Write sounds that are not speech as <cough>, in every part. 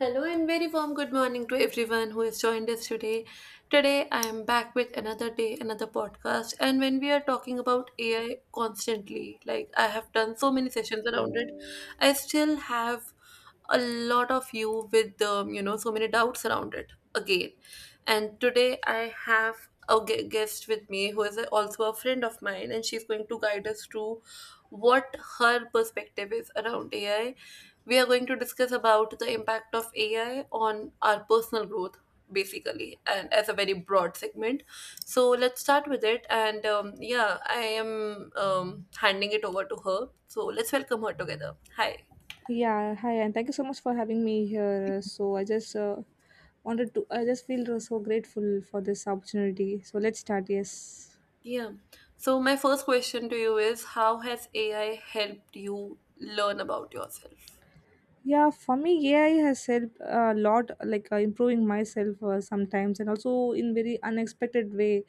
Hello and very warm good morning to everyone who has joined us today. Today I am back with another day, another podcast. And when we are talking about AI constantly, like I have done so many sessions around it, I still have a lot of you with so many doubts around it again. And today I have a guest with me who is also a friend of mine, and she's going to guide us through what her perspective is around AI. We are going to discuss about the impact of AI on our personal growth, basically, and as a very broad segment. So let's start with it. And yeah, I am handing it over to her. So let's welcome her together. Hi. Yeah, hi, and thank you so much for having me here. So I just feel so grateful for this opportunity. So let's start. Yes. Yeah. So my first question to you is, how has AI helped you learn about yourself? Yeah, for me, AI has helped a lot, like improving myself sometimes, and also in very unexpected way,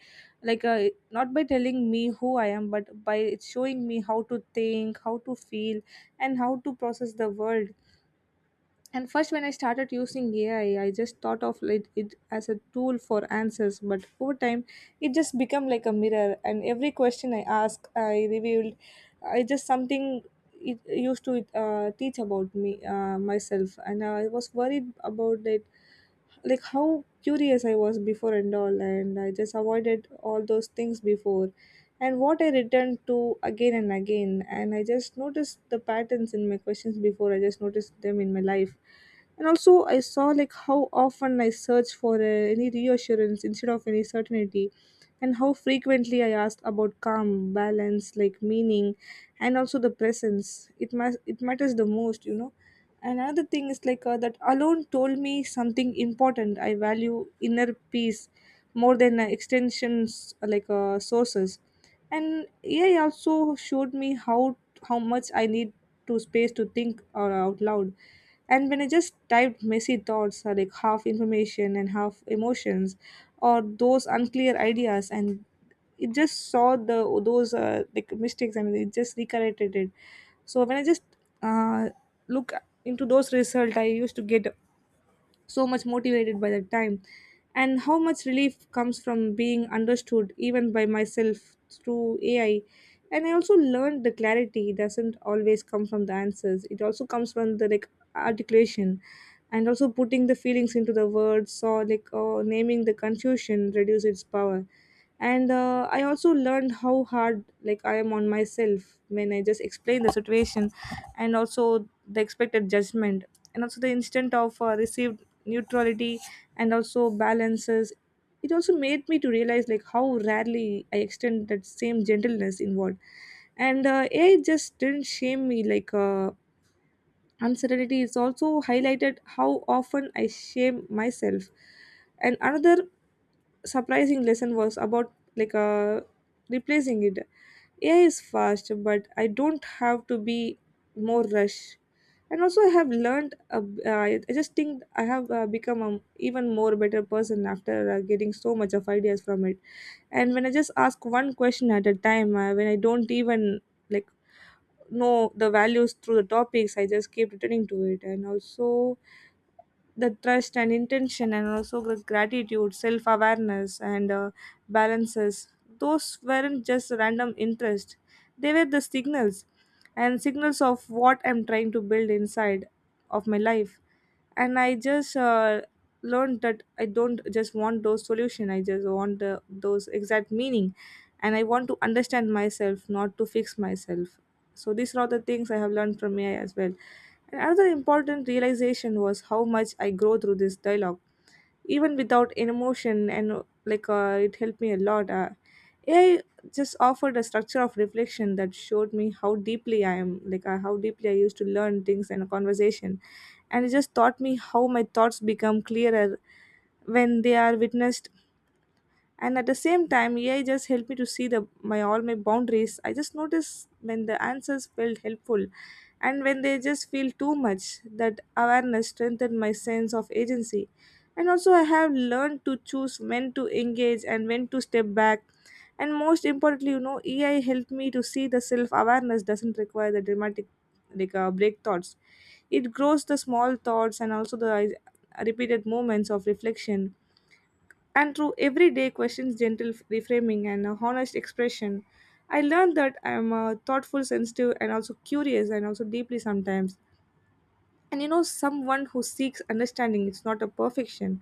like not by telling me who I am, but by it showing me how to think, how to feel, and how to process the world. And first, when I started using AI, I just thought of it as a tool for answers. But over time, it just became like a mirror. And every question I asked, I just something it used to teach about me myself. And I was worried about it, like how curious I was before and all, and I just avoided all those things before. And what I returned to again and again, and I just noticed the patterns in my questions before, I just noticed them in my life. And also, I saw like how often I search for any reassurance instead of any certainty, and how frequently I asked about calm, balance, like meaning, and also the presence. It matters the most, you know. Another thing is like that alone told me something important. I value inner peace more than extensions, like sources. And AI also showed me how much I need to space to think out loud. And when I just typed messy thoughts, like half information and half emotions or those unclear ideas, and it just saw the those like mistakes, and it just recorrected it. So when I just uh, look into those results, I used to get so much motivated by that time. And how much relief comes from being understood, even by myself through AI. And I also learned the clarity doesn't always come from the answers, it also comes from the like articulation, and also putting the feelings into the words, or like naming the confusion reduce its power. And I also learned how hard like I am on myself when I just explain the situation, and also the expected judgment, and also the instant of received neutrality and also balances. It also made me to realize like how rarely I extend that same gentleness involved. And AI just didn't shame me like uncertainty. It's also highlighted how often I shame myself. And another surprising lesson was about like replacing it. AI is fast, but I don't have to be more rush. And also I have learned, I just think I have become an even more better person after getting so much of ideas from it. And when I just ask one question at a time, when I don't even like know the values through the topics, I just keep returning to it. And also the trust and intention, and also the gratitude, self-awareness, and balances, those weren't just random interest. They were the signals, and signals of what I'm trying to build inside of my life. And I just learned that I don't just want those solution, I just want those exact meaning. And I want to understand myself, not to fix myself. So these are all the things I have learned from AI as well. And another important realization was how much I grow through this dialogue even without an emotion. And it helped me a lot. AI just offered a structure of reflection that showed me how deeply I am like how deeply I used to learn things in a conversation. And it just taught me how my thoughts become clearer when they are witnessed. And at the same time, AI just helped me to see the my all my boundaries. I just noticed when the answers felt helpful, and when they just feel too much. That awareness strengthened my sense of agency. And also I have learned to choose when to engage and when to step back. And most importantly, you know, ei helped me to see the self awareness doesn't require the dramatic like break thoughts. It grows the small thoughts, and also the repeated moments of reflection. And through everyday questions, gentle reframing, and a honest expression, I learned that I'm thoughtful, sensitive, and also curious, and also deeply sometimes. And you know, someone who seeks understanding, it's not a perfection.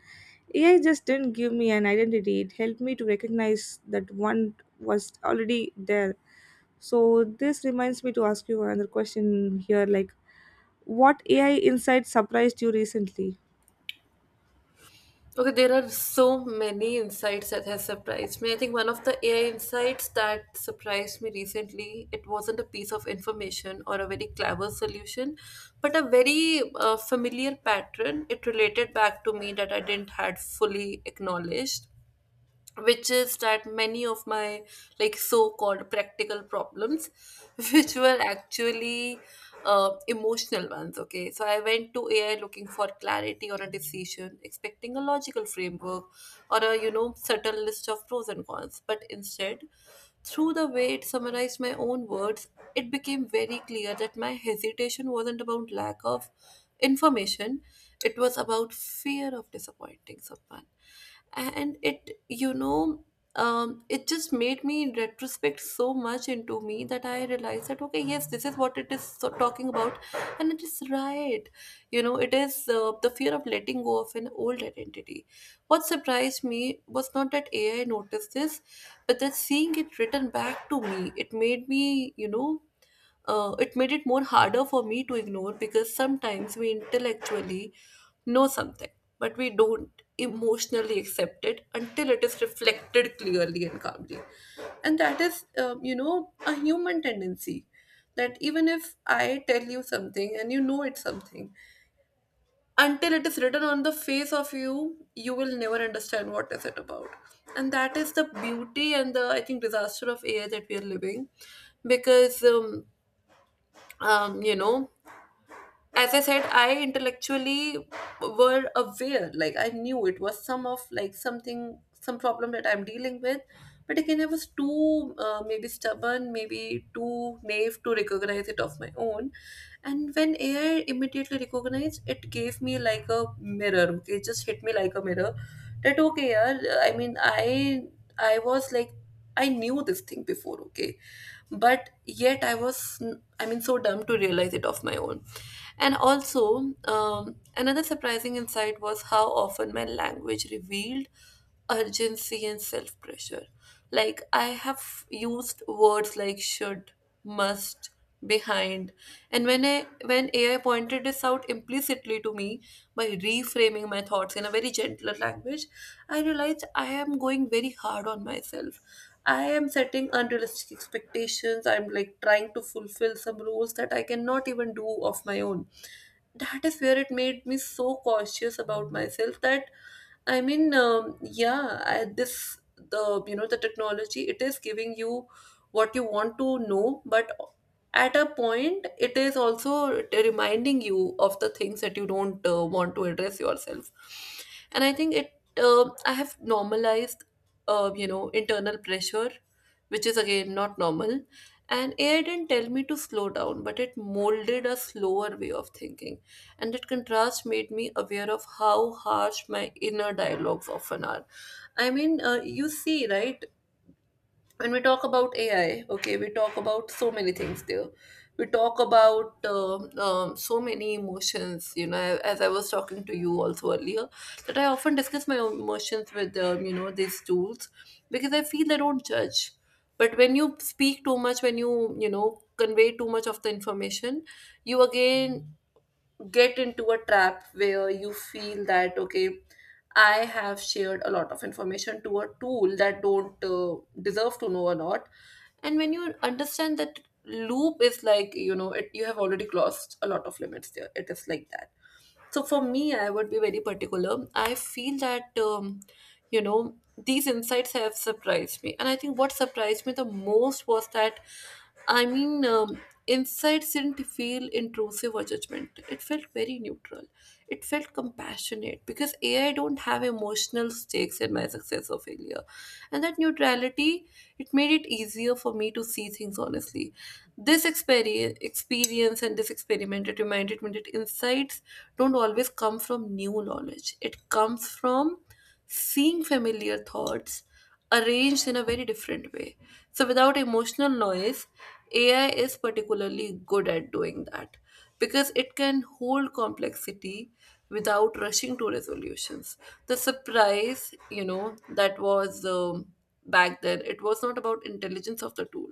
AI just didn't give me an identity, it helped me to recognize that one was already there. So this reminds me to ask you another question here, like what AI insight surprised you recently? Okay, there are so many insights that has surprised me. I think one of the AI insights that surprised me recently, it wasn't a piece of information or a very clever solution, but a very familiar pattern. It related back to me that I didn't had fully acknowledged, which is that many of my like so-called practical problems <laughs> which were actually emotional ones. Okay, so I went to AI looking for clarity or a decision, expecting a logical framework or a, you know, subtle list of pros and cons. But instead, through the way it summarized my own words, it became very clear that my hesitation wasn't about lack of information. It was about fear of disappointing someone. And it just made me in retrospect so much into me that I realized that, okay, yes, this is what it is so talking about. And it is right. You know, it is the fear of letting go of an old identity. What surprised me was not that AI noticed this, but that seeing it written back to me, it made it made it more harder for me to ignore, because sometimes we intellectually know something, but we don't emotionally accept it until it is reflected clearly and calmly. And that is, you know, a human tendency, that even if I tell you something and you know it's something, until it is written on the face of you, you will never understand what is it about. And that is the beauty and the, I think, disaster of AI that we are living because you know, as I said, I intellectually were aware. Like I knew it was some of like something, some problem that I'm dealing with. But again, I was too maybe stubborn, maybe too naive to recognize it of my own. And when AI immediately recognized, it gave me like a mirror. Okay, it just hit me like a mirror. That okay, yeah. I mean, I was like, I knew this thing before. Okay, but yet I was, I mean, so dumb to realize it of my own. And also another surprising insight was how often my language revealed urgency and self pressure. Like I have used words like should, must, behind. And when AI pointed this out implicitly to me by reframing my thoughts in a very gentler language, I realized I am going very hard on myself. I am setting unrealistic expectations. I'm like trying to fulfill some roles that I cannot even do of my own. That is where it made me so cautious about myself, that I mean, yeah, this the, you know, the technology, it is giving you what you want to know, but at a point it is also reminding you of the things that you don't want to address yourself. And I think it I have normalized you know, internal pressure, which is again not normal. And AI didn't tell me to slow down, but it molded a slower way of thinking, and that contrast made me aware of how harsh my inner dialogues often are. I mean, you see, right? When we talk about AI, okay, we talk about so many things there. We talk about so many emotions, you know, as I was talking to you also earlier, that I often discuss my own emotions with, you know, these tools, because I feel they don't judge. But when you speak too much, when you know, convey too much of the information, you again get into a trap where you feel that, okay, I have shared a lot of information to a tool that don't deserve to know a lot. And when you understand that loop is, like, you know it, you have already crossed a lot of limits there. It is like that. So for me, I would be very particular. I feel that you know, these insights have surprised me, and I think what surprised me the most was that, I mean, insights didn't feel intrusive or judgment. It felt very neutral. It felt compassionate because AI don't have emotional stakes in my success or failure. And that neutrality, it made it easier for me to see things honestly. This experience and this experiment, it reminded me that insights don't always come from new knowledge. It comes from seeing familiar thoughts arranged in a very different way. So, without emotional noise, AI is particularly good at doing that because it can hold complexity without rushing to resolutions. The surprise, you know, that was, back then, it was not about intelligence of the tool.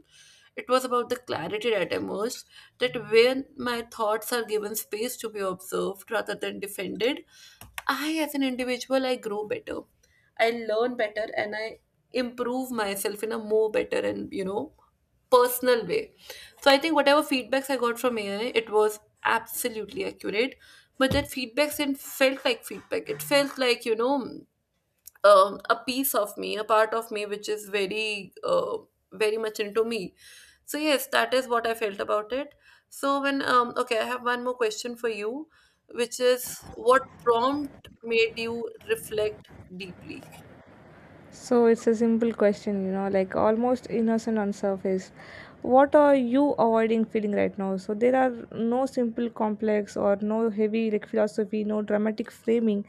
It was about the clarity that emerged, that when my thoughts are given space to be observed rather than defended, I, as an individual, I grow better. I learn better, and I improve myself in a more better and, you know, personal way. So I think whatever feedbacks I got from AI, it was absolutely accurate. But that feedbacks didn't felt like feedback. It felt like, you know, a piece of me, a part of me, which is very very much into me. So yes, that is what I felt about it. So when okay, I have one more question for you, which is what prompt made you reflect deeply? So it's a simple question, you know, like almost innocent on surface. What are you avoiding feeling right now? So there are no simple complex or no heavy like philosophy, no dramatic framing.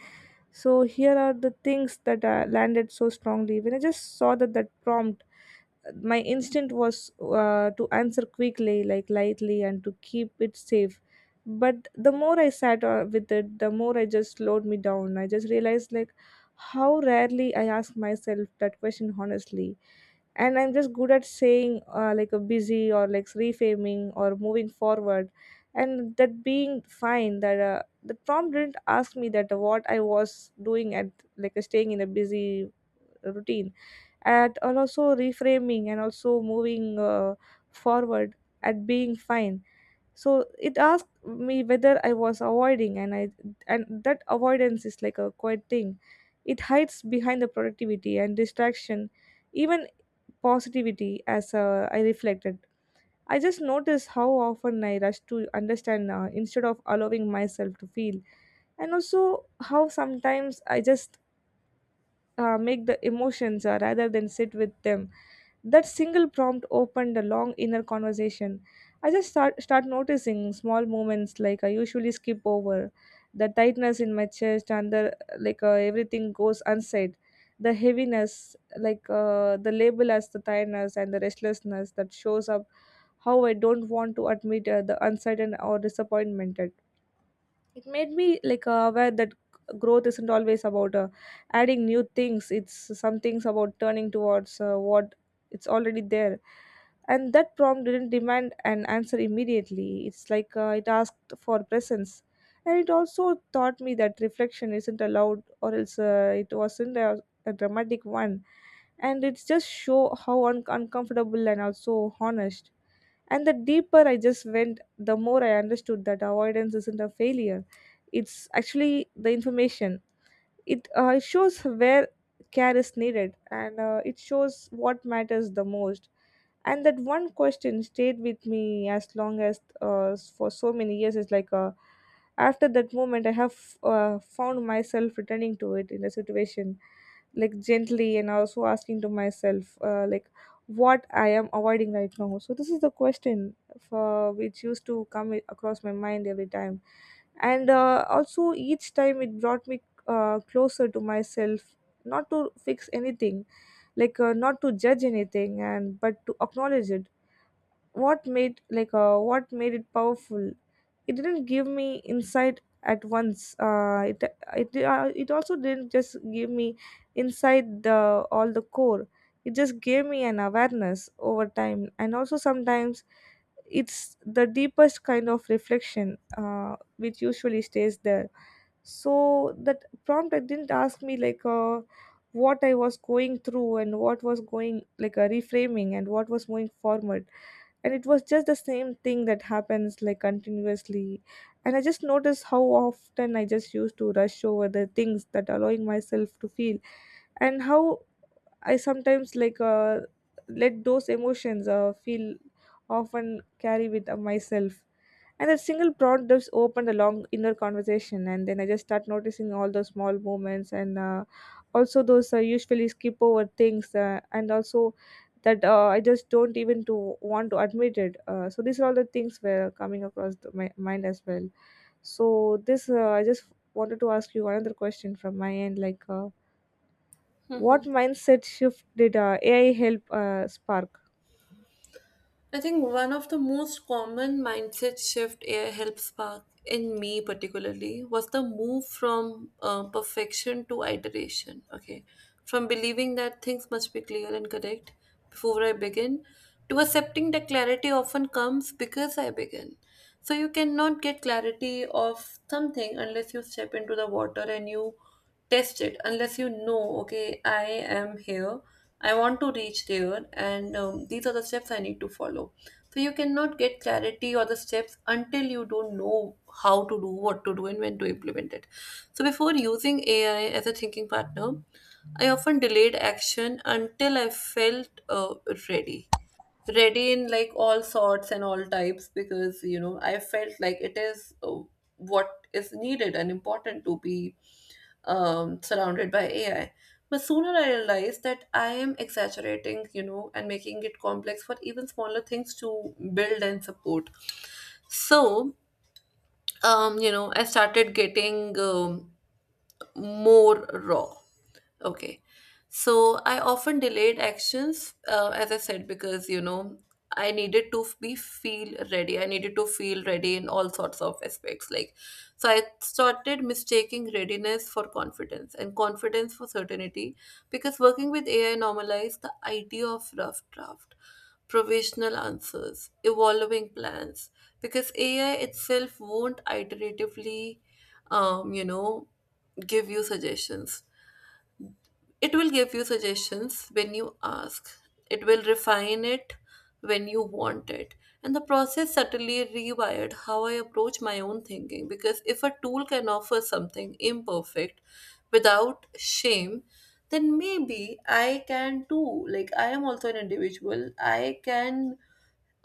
So here are the things that landed so strongly. When I just saw that prompt, my instinct was to answer quickly, like lightly, and to keep it safe. But the more I sat with it, the more I just slowed me down. I just realized like how rarely I ask myself that question honestly. And I'm just good at saying, like a busy, or like reframing, or moving forward, and that being fine. That the prompt didn't ask me that, what I was doing at, like staying in a busy routine, at and also reframing and also moving forward at being fine. So it asked me whether I was avoiding. And I, and that avoidance is like a quiet thing. It hides behind the productivity and distraction, even positivity. As I reflected, I just noticed how often I rush to understand instead of allowing myself to feel. And also how sometimes I just make the emotions rather than sit with them. That single prompt opened a long inner conversation. I just start noticing small moments like I usually skip over, the tightness in my chest, and the everything goes unsaid, the heaviness, like the label as the tiredness and the restlessness that shows up, how I don't want to admit the uncertain or disappointment. It made me like aware that growth isn't always about adding new things. It's some things about turning towards what it's already there. And that prompt didn't demand an answer immediately. It's like it asked for presence. And it also taught me that reflection isn't allowed, or else it wasn't a dramatic one. And it's just show how uncomfortable and also honest. And the deeper I just went, the more I understood that avoidance isn't a failure. It's actually the information. It shows where care is needed, and it shows what matters the most. And that one question stayed with me as long as for so many years. It's like after that moment I have found myself returning to it in a situation, like gently, and also asking to myself, like what I am avoiding right now. So this is the question for which used to come across my mind every time. And also each time it brought me closer to myself, not to fix anything, like not to judge anything, and but to acknowledge it. What made what made it powerful, it didn't give me insight at once. It it also didn't just give me insight the all the core. It just gave me an awareness over time. And also sometimes it's the deepest kind of reflection which usually stays there. So that prompt, it didn't ask me like what I was going through, and what was going like a reframing, and what was moving forward. And it was just the same thing that happens like continuously. And I just noticed how often I just used to rush over the things that allowing myself to feel. And how I sometimes like let those emotions feel often carry with myself. And that single prompt just opened a long inner conversation. And then I just start noticing all those small moments, and also those usually skip over things, and also that I just don't even to want to admit it. So these are all the things were coming across my mind as well. So this I just wanted to ask you another question from my end, like what Mhm. mindset shift did AI help spark? I think one of the most common mindset shift air helped spark in me particularly was the move from perfection to iteration. Okay, from believing that things must be clear and correct before I begin, to accepting that clarity often comes because I begin. So you cannot get clarity of something unless you step into the water and you test it, unless you know, okay, I am here, I want to reach there, and these are the steps I need to follow. So you cannot get clarity or the steps until you don't know how to do, what to do, and when to implement it. So before using AI as a thinking partner, I often delayed action until I felt ready ready, in like all sorts and all types, because, you know, I felt like it is what is needed and important to be surrounded by AI. But sooner I realized that I am exaggerating, you know, and making it complex for even smaller things to build and support. So you know, I started getting more raw. Okay. So I often delayed actions, as I said, because, you know, I needed to be feel ready. I needed to feel ready in all sorts of aspects. Like, so I started mistaking readiness for confidence and confidence for certainty, because working with AI normalized the idea of rough draft, provisional answers, evolving plans, because AI itself won't iteratively you know, give you suggestions. It will give you suggestions when you ask. It will refine it when you want it. And the process certainly rewired how I approach my own thinking, because if a tool can offer something imperfect without shame, then maybe I can too. Like, I am also an individual. I can,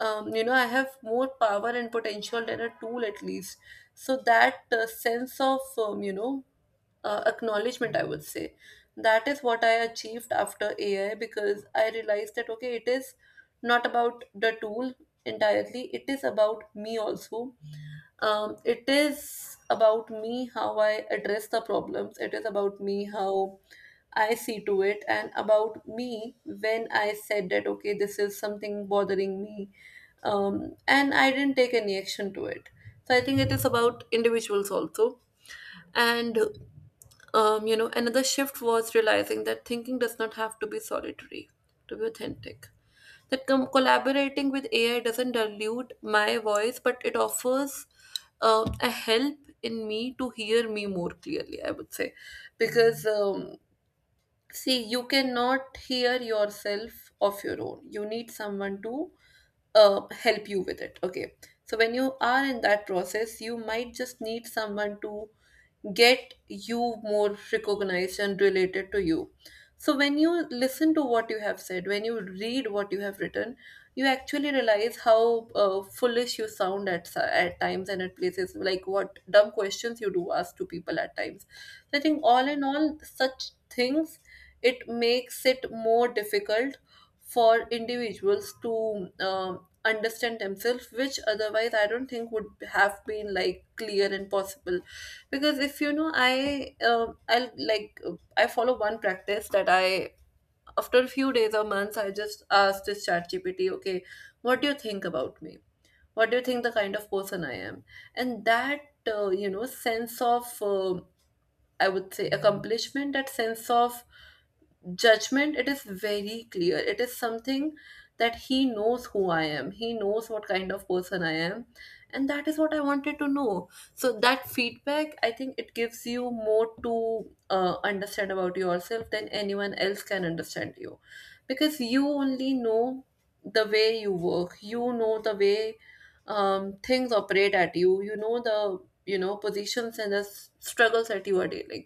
you know, I have more power and potential than a tool at least. So, that sense of, acknowledgement, I would say, that is what I achieved after AI, because I realized that, okay, it is not about the tool entirely, it is about me also. It is about me how I address the problems, it is about me how I see to it, and about me when I said that, okay, this is something bothering me, and I didn't take any action to it. So I think it is about individuals also. And you know, another shift was realizing that thinking does not have to be solitary to be authentic. Collaborating with AI doesn't dilute my voice, but it offers a help in me to hear me more clearly, I would say. Because, see, you cannot hear yourself of your own, you need someone to help you with it. Okay. So, when you are in that process, you might just need someone to get you more recognized and related to you. So when you listen to what you have said, when you read what you have written, you actually realize how foolish you sound at times and at places, like what dumb questions you do ask to people at times. So I think all in all, such things, it makes it more difficult for individuals to understand themselves, which otherwise I don't think would have been like clear and possible. Because, if you know, I I'll like I follow one practice that I, after a few days or months, I just ask this ChatGPT okay, what do you think about me, what do you think the kind of person I am. And that you know, sense of, I would say, accomplishment, that sense of judgment, it is very clear, it is something that he knows who I am, he knows what kind of person I am, and that is what I wanted to know. So that feedback, I think, it gives you more to understand about yourself than anyone else can understand you. Because you only know the way you work, you know the way things operate at you, you know the, you know, positions and struggles that you are dealing,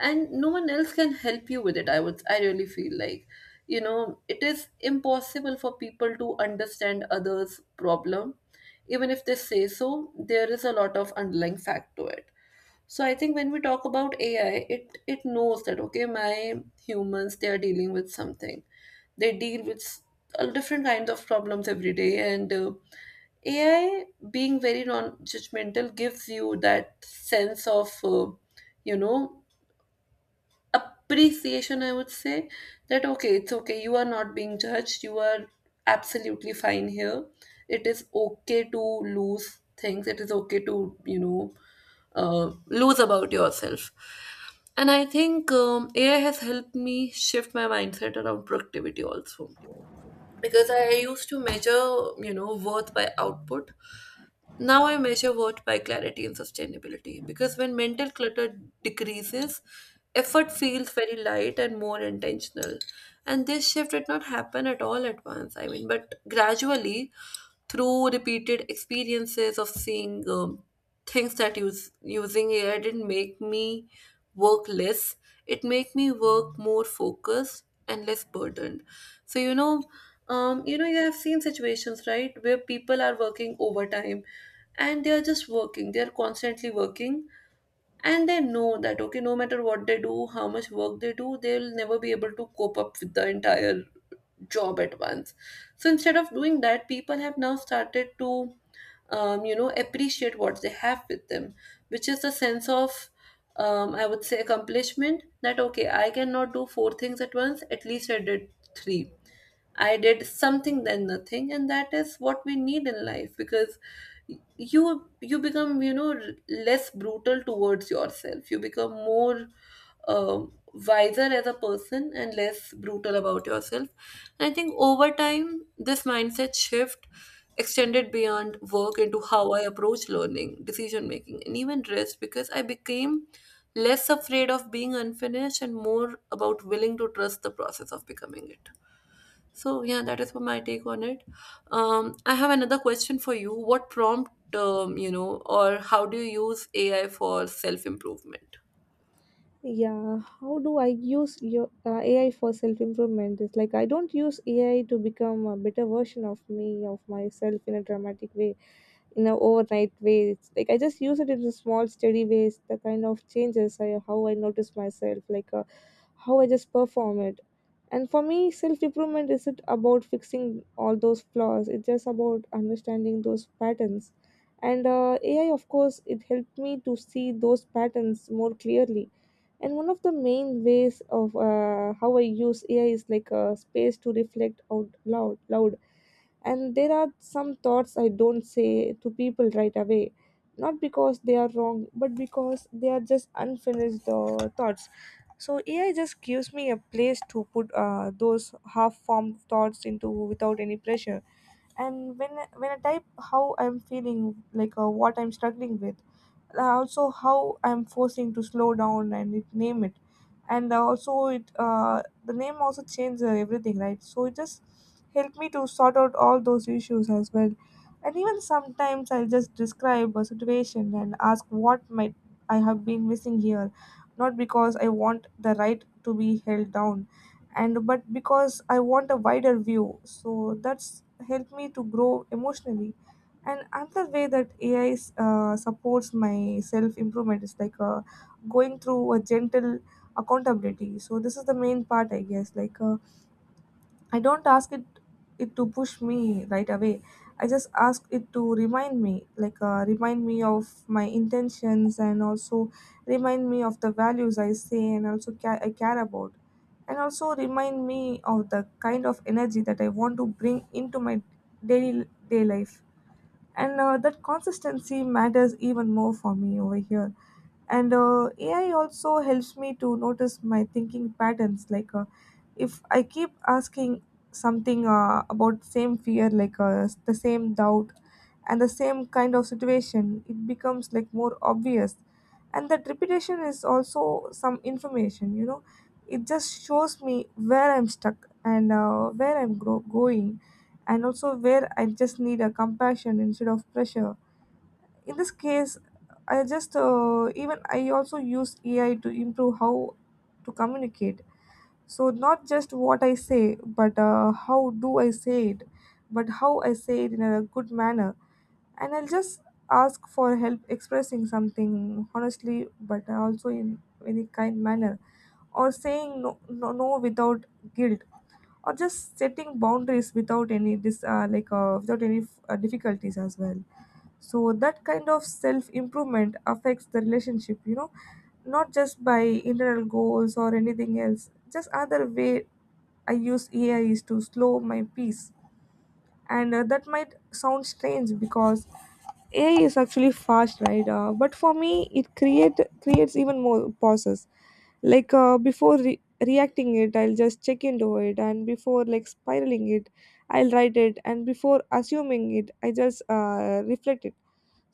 and no one else can help you with it. I would, I really feel like, you know, it is impossible for people to understand others' problem. Even if they say so, there is a lot of underlying fact to it. So I think when we talk about AI, it knows that, okay, my humans, they are dealing with something, they deal with s- different kinds of problems every day. And AI, being very non-judgmental, gives you that sense of, you know, appreciation, I would say, that okay, it's okay, you are not being judged, you are absolutely fine here. It is okay to lose things, it is okay to, you know, lose about yourself. And I think AI has helped me shift my mindset around productivity also, because I used to measure, you know, worth by output. Now I measure work by clarity and sustainability, because when mental clutter decreases, effort feels very light and more intentional. And this shift did not happen at all at once, I mean, but gradually, through repeated experiences of seeing things that use using AI didn't make me work less. It made me work more focused and less burdened. So you know, you know, you have seen situations, right, where people are working overtime and they are just working, they are constantly working, and they know that okay, no matter what they do, how much work they do, they'll never be able to cope up with the entire job at once. So instead of doing that, people have now started to you know, appreciate what they have with them, which is the sense of I would say accomplishment, that okay, I cannot do four things at once, at least I did three. I did something than nothing, and that is what we need in life. Because you become you know r- less brutal towards yourself. You become more wiser as a person and less brutal about yourself. I think over time, this mindset shift extended beyond work into how I approach learning, decision making, and even rest, because I became less afraid of being unfinished and more about willing to trust the process of becoming it. So yeah, that is for my take on it. I have another question for you. What prompt, you know, or how do you use AI for self improvement? Yeah, how do I use your AI for self improvement? It's like I don't use AI to become a better version of me of myself in a dramatic way, in an overnight way. It's like I just use it in a small steady ways, the kind of changes I how I notice myself, like how I just perform it. And for me self improvement isn't about fixing all those flaws, it's just about understanding those patterns. And AI of course it helped me to see those patterns more clearly. And one of the main ways of how I use AI is like a space to reflect out loud. And there are some thoughts I don't say to people right away, not because they are wrong, but because they are just unfinished thoughts. So AI just gives me a place to put those half-formed thoughts into without any pressure, and when I type how I'm feeling, like what I'm struggling with, also how I'm forcing to slow down and it, name it, and also it the name also changes everything, right? So it just helped me to sort out all those issues as well, and even sometimes I'll just describe a situation and ask what might I have been missing here, not because I want the right to be held down and but because I want a wider view, so that's helped me to grow emotionally. And another way that supports my self improvement is like going through a gentle accountability. So this is the main part, I guess. Like I don't ask it to push me right away. I just ask it to remind me, like remind me of my intentions, and also remind me of the values I say and also I care about, and also remind me of the kind of energy that I want to bring into my daily day life. And that consistency matters even more for me over here. And AI also helps me to notice my thinking patterns, like if I keep asking something about same fear, like the same doubt and the same kind of situation, it becomes like more obvious, and that repetition is also some information, you know. It just shows me where I'm stuck and where I'm going, and also where I just need a compassion instead of pressure. In this case, I just even I also use AI to improve how to communicate. So not just what I say, but how do I say it, but how I say it in a good manner. And I'll just ask for help expressing something honestly, but also in very kind manner, or saying no, no, no without guilt, or just setting boundaries without any like without any difficulties as well. So that kind of self improvement affects the relationship, you know, not just by internal goals or anything else. Just other way I use AI is to slow my pace, and that might sound strange because AI is actually fast, right? But for me, it creates even more pauses. Like before reacting it, I'll just check into it, and before like spiraling it, I'll write it, and before assuming it, I just reflect it.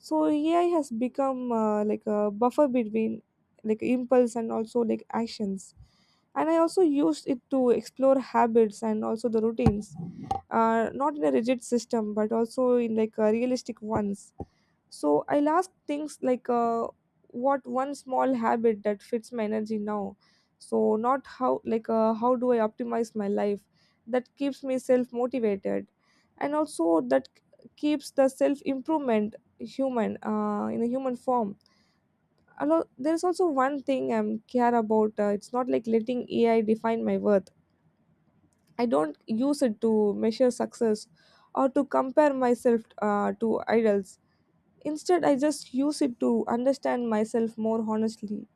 So AI has become like a buffer between like impulse and also like actions. And I also used it to explore habits and also the routines, not in a rigid system but also in like realistic ones. So I'll ask things like what one small habit that fits my energy now. So not how, like how do I optimize my life, that keeps me self motivated, and also that keeps the self improvement human, in a human form. Although there is also one thing I'm care about. It's not like letting AI define my worth. I don't use it to measure success or to compare myself to idols. Instead, I just use it to understand myself more honestly.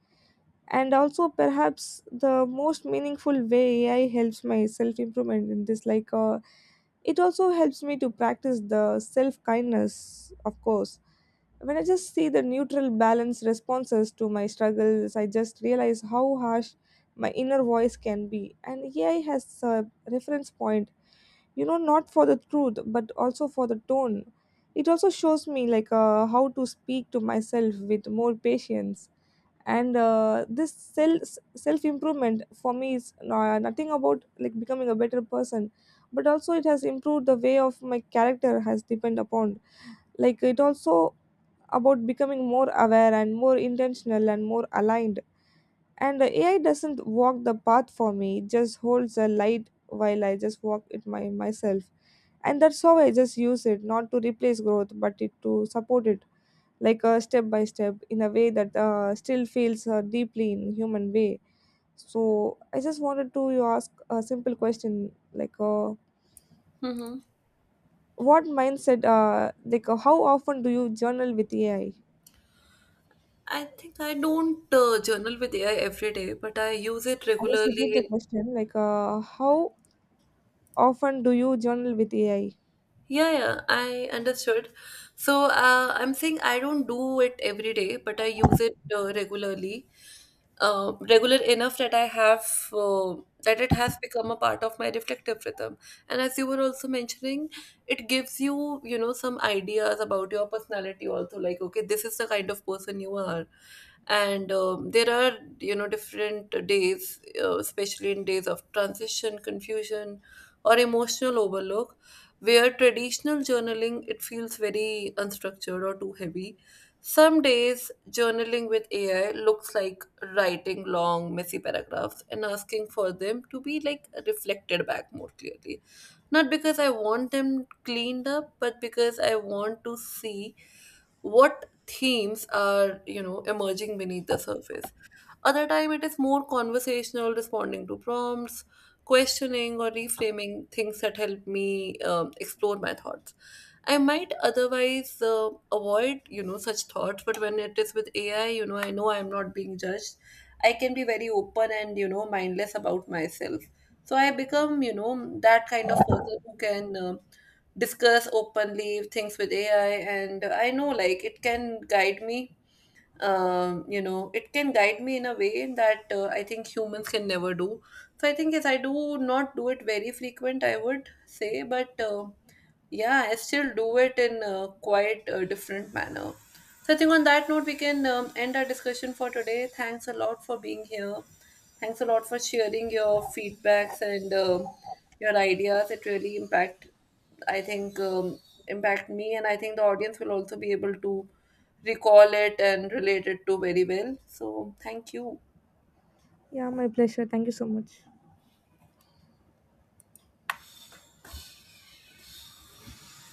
And also, perhaps the most meaningful way AI helps my self improvement in this, like, it also helps me to practice the self kindness, of course. When I just see the neutral, balanced responses to my struggles, I just realize how harsh my inner voice can be. And AI has a reference point, you know, not for the truth but also for the tone. It also shows me, like how to speak to myself with more patience. And this self improvement for me is nothing about like becoming a better person, but also it has improved the way of my character has depend upon. Like it also about becoming more aware and more intentional and more aligned. And the AI doesnn't walk the path for me, it just holds a light while I just walk it my myself. And that's how I just use it, not to replace growth but it to support it, like a step by step, in a way that still feels deeply in human way. So I just wanted to you ask a simple question, like Mm-hmm. what mindset, like how often do you journal with AI? i I think I don't journal with AI every day, but I use it I just repeat the regularly. question, like how often do you journal with AI? Yeah, yeah, I understood. So I'm saying I don't do it every day, but I use it regularly, regular enough that I have uh, that it has become a part of my reflective rhythm. And as you were also mentioning, it gives you, you know, some ideas about your personality also, like okay, this is the kind of person you are. And there are, you know, different days, especially in days of transition, confusion, or emotional overload, where traditional journaling, it feels very unstructured or too heavy. Some days journaling with AI looks like writing long messy paragraphs and asking for them to be like reflected back more clearly. Not because I want them cleaned up, but because I want to see what themes are, you know, emerging beneath the surface. Other time, it is more conversational, responding to prompts, questioning or reframing things that help me explore my thoughts. I might otherwise avoid, you know, such thoughts, but when it is with AI, you know, I know I'm not being judged. I can be very open and, you know, mindless about myself. So I become, you know, that kind of person who can discuss openly things with AI, and I know like it can guide me, you know, it can guide me in a way that I think humans can never do. So I think yes, I do not do it very frequent, I would say, but yeah, I still do it in a quite a different manner. So I think on that note, we can end our discussion for today. Thanks a lot for being here. Thanks a lot for sharing your feedbacks and your ideas. It really impact, I think, impact me, and I think the audience will also be able to recall it and relate it to very well. So thank you. Yeah, my pleasure, thank you so much.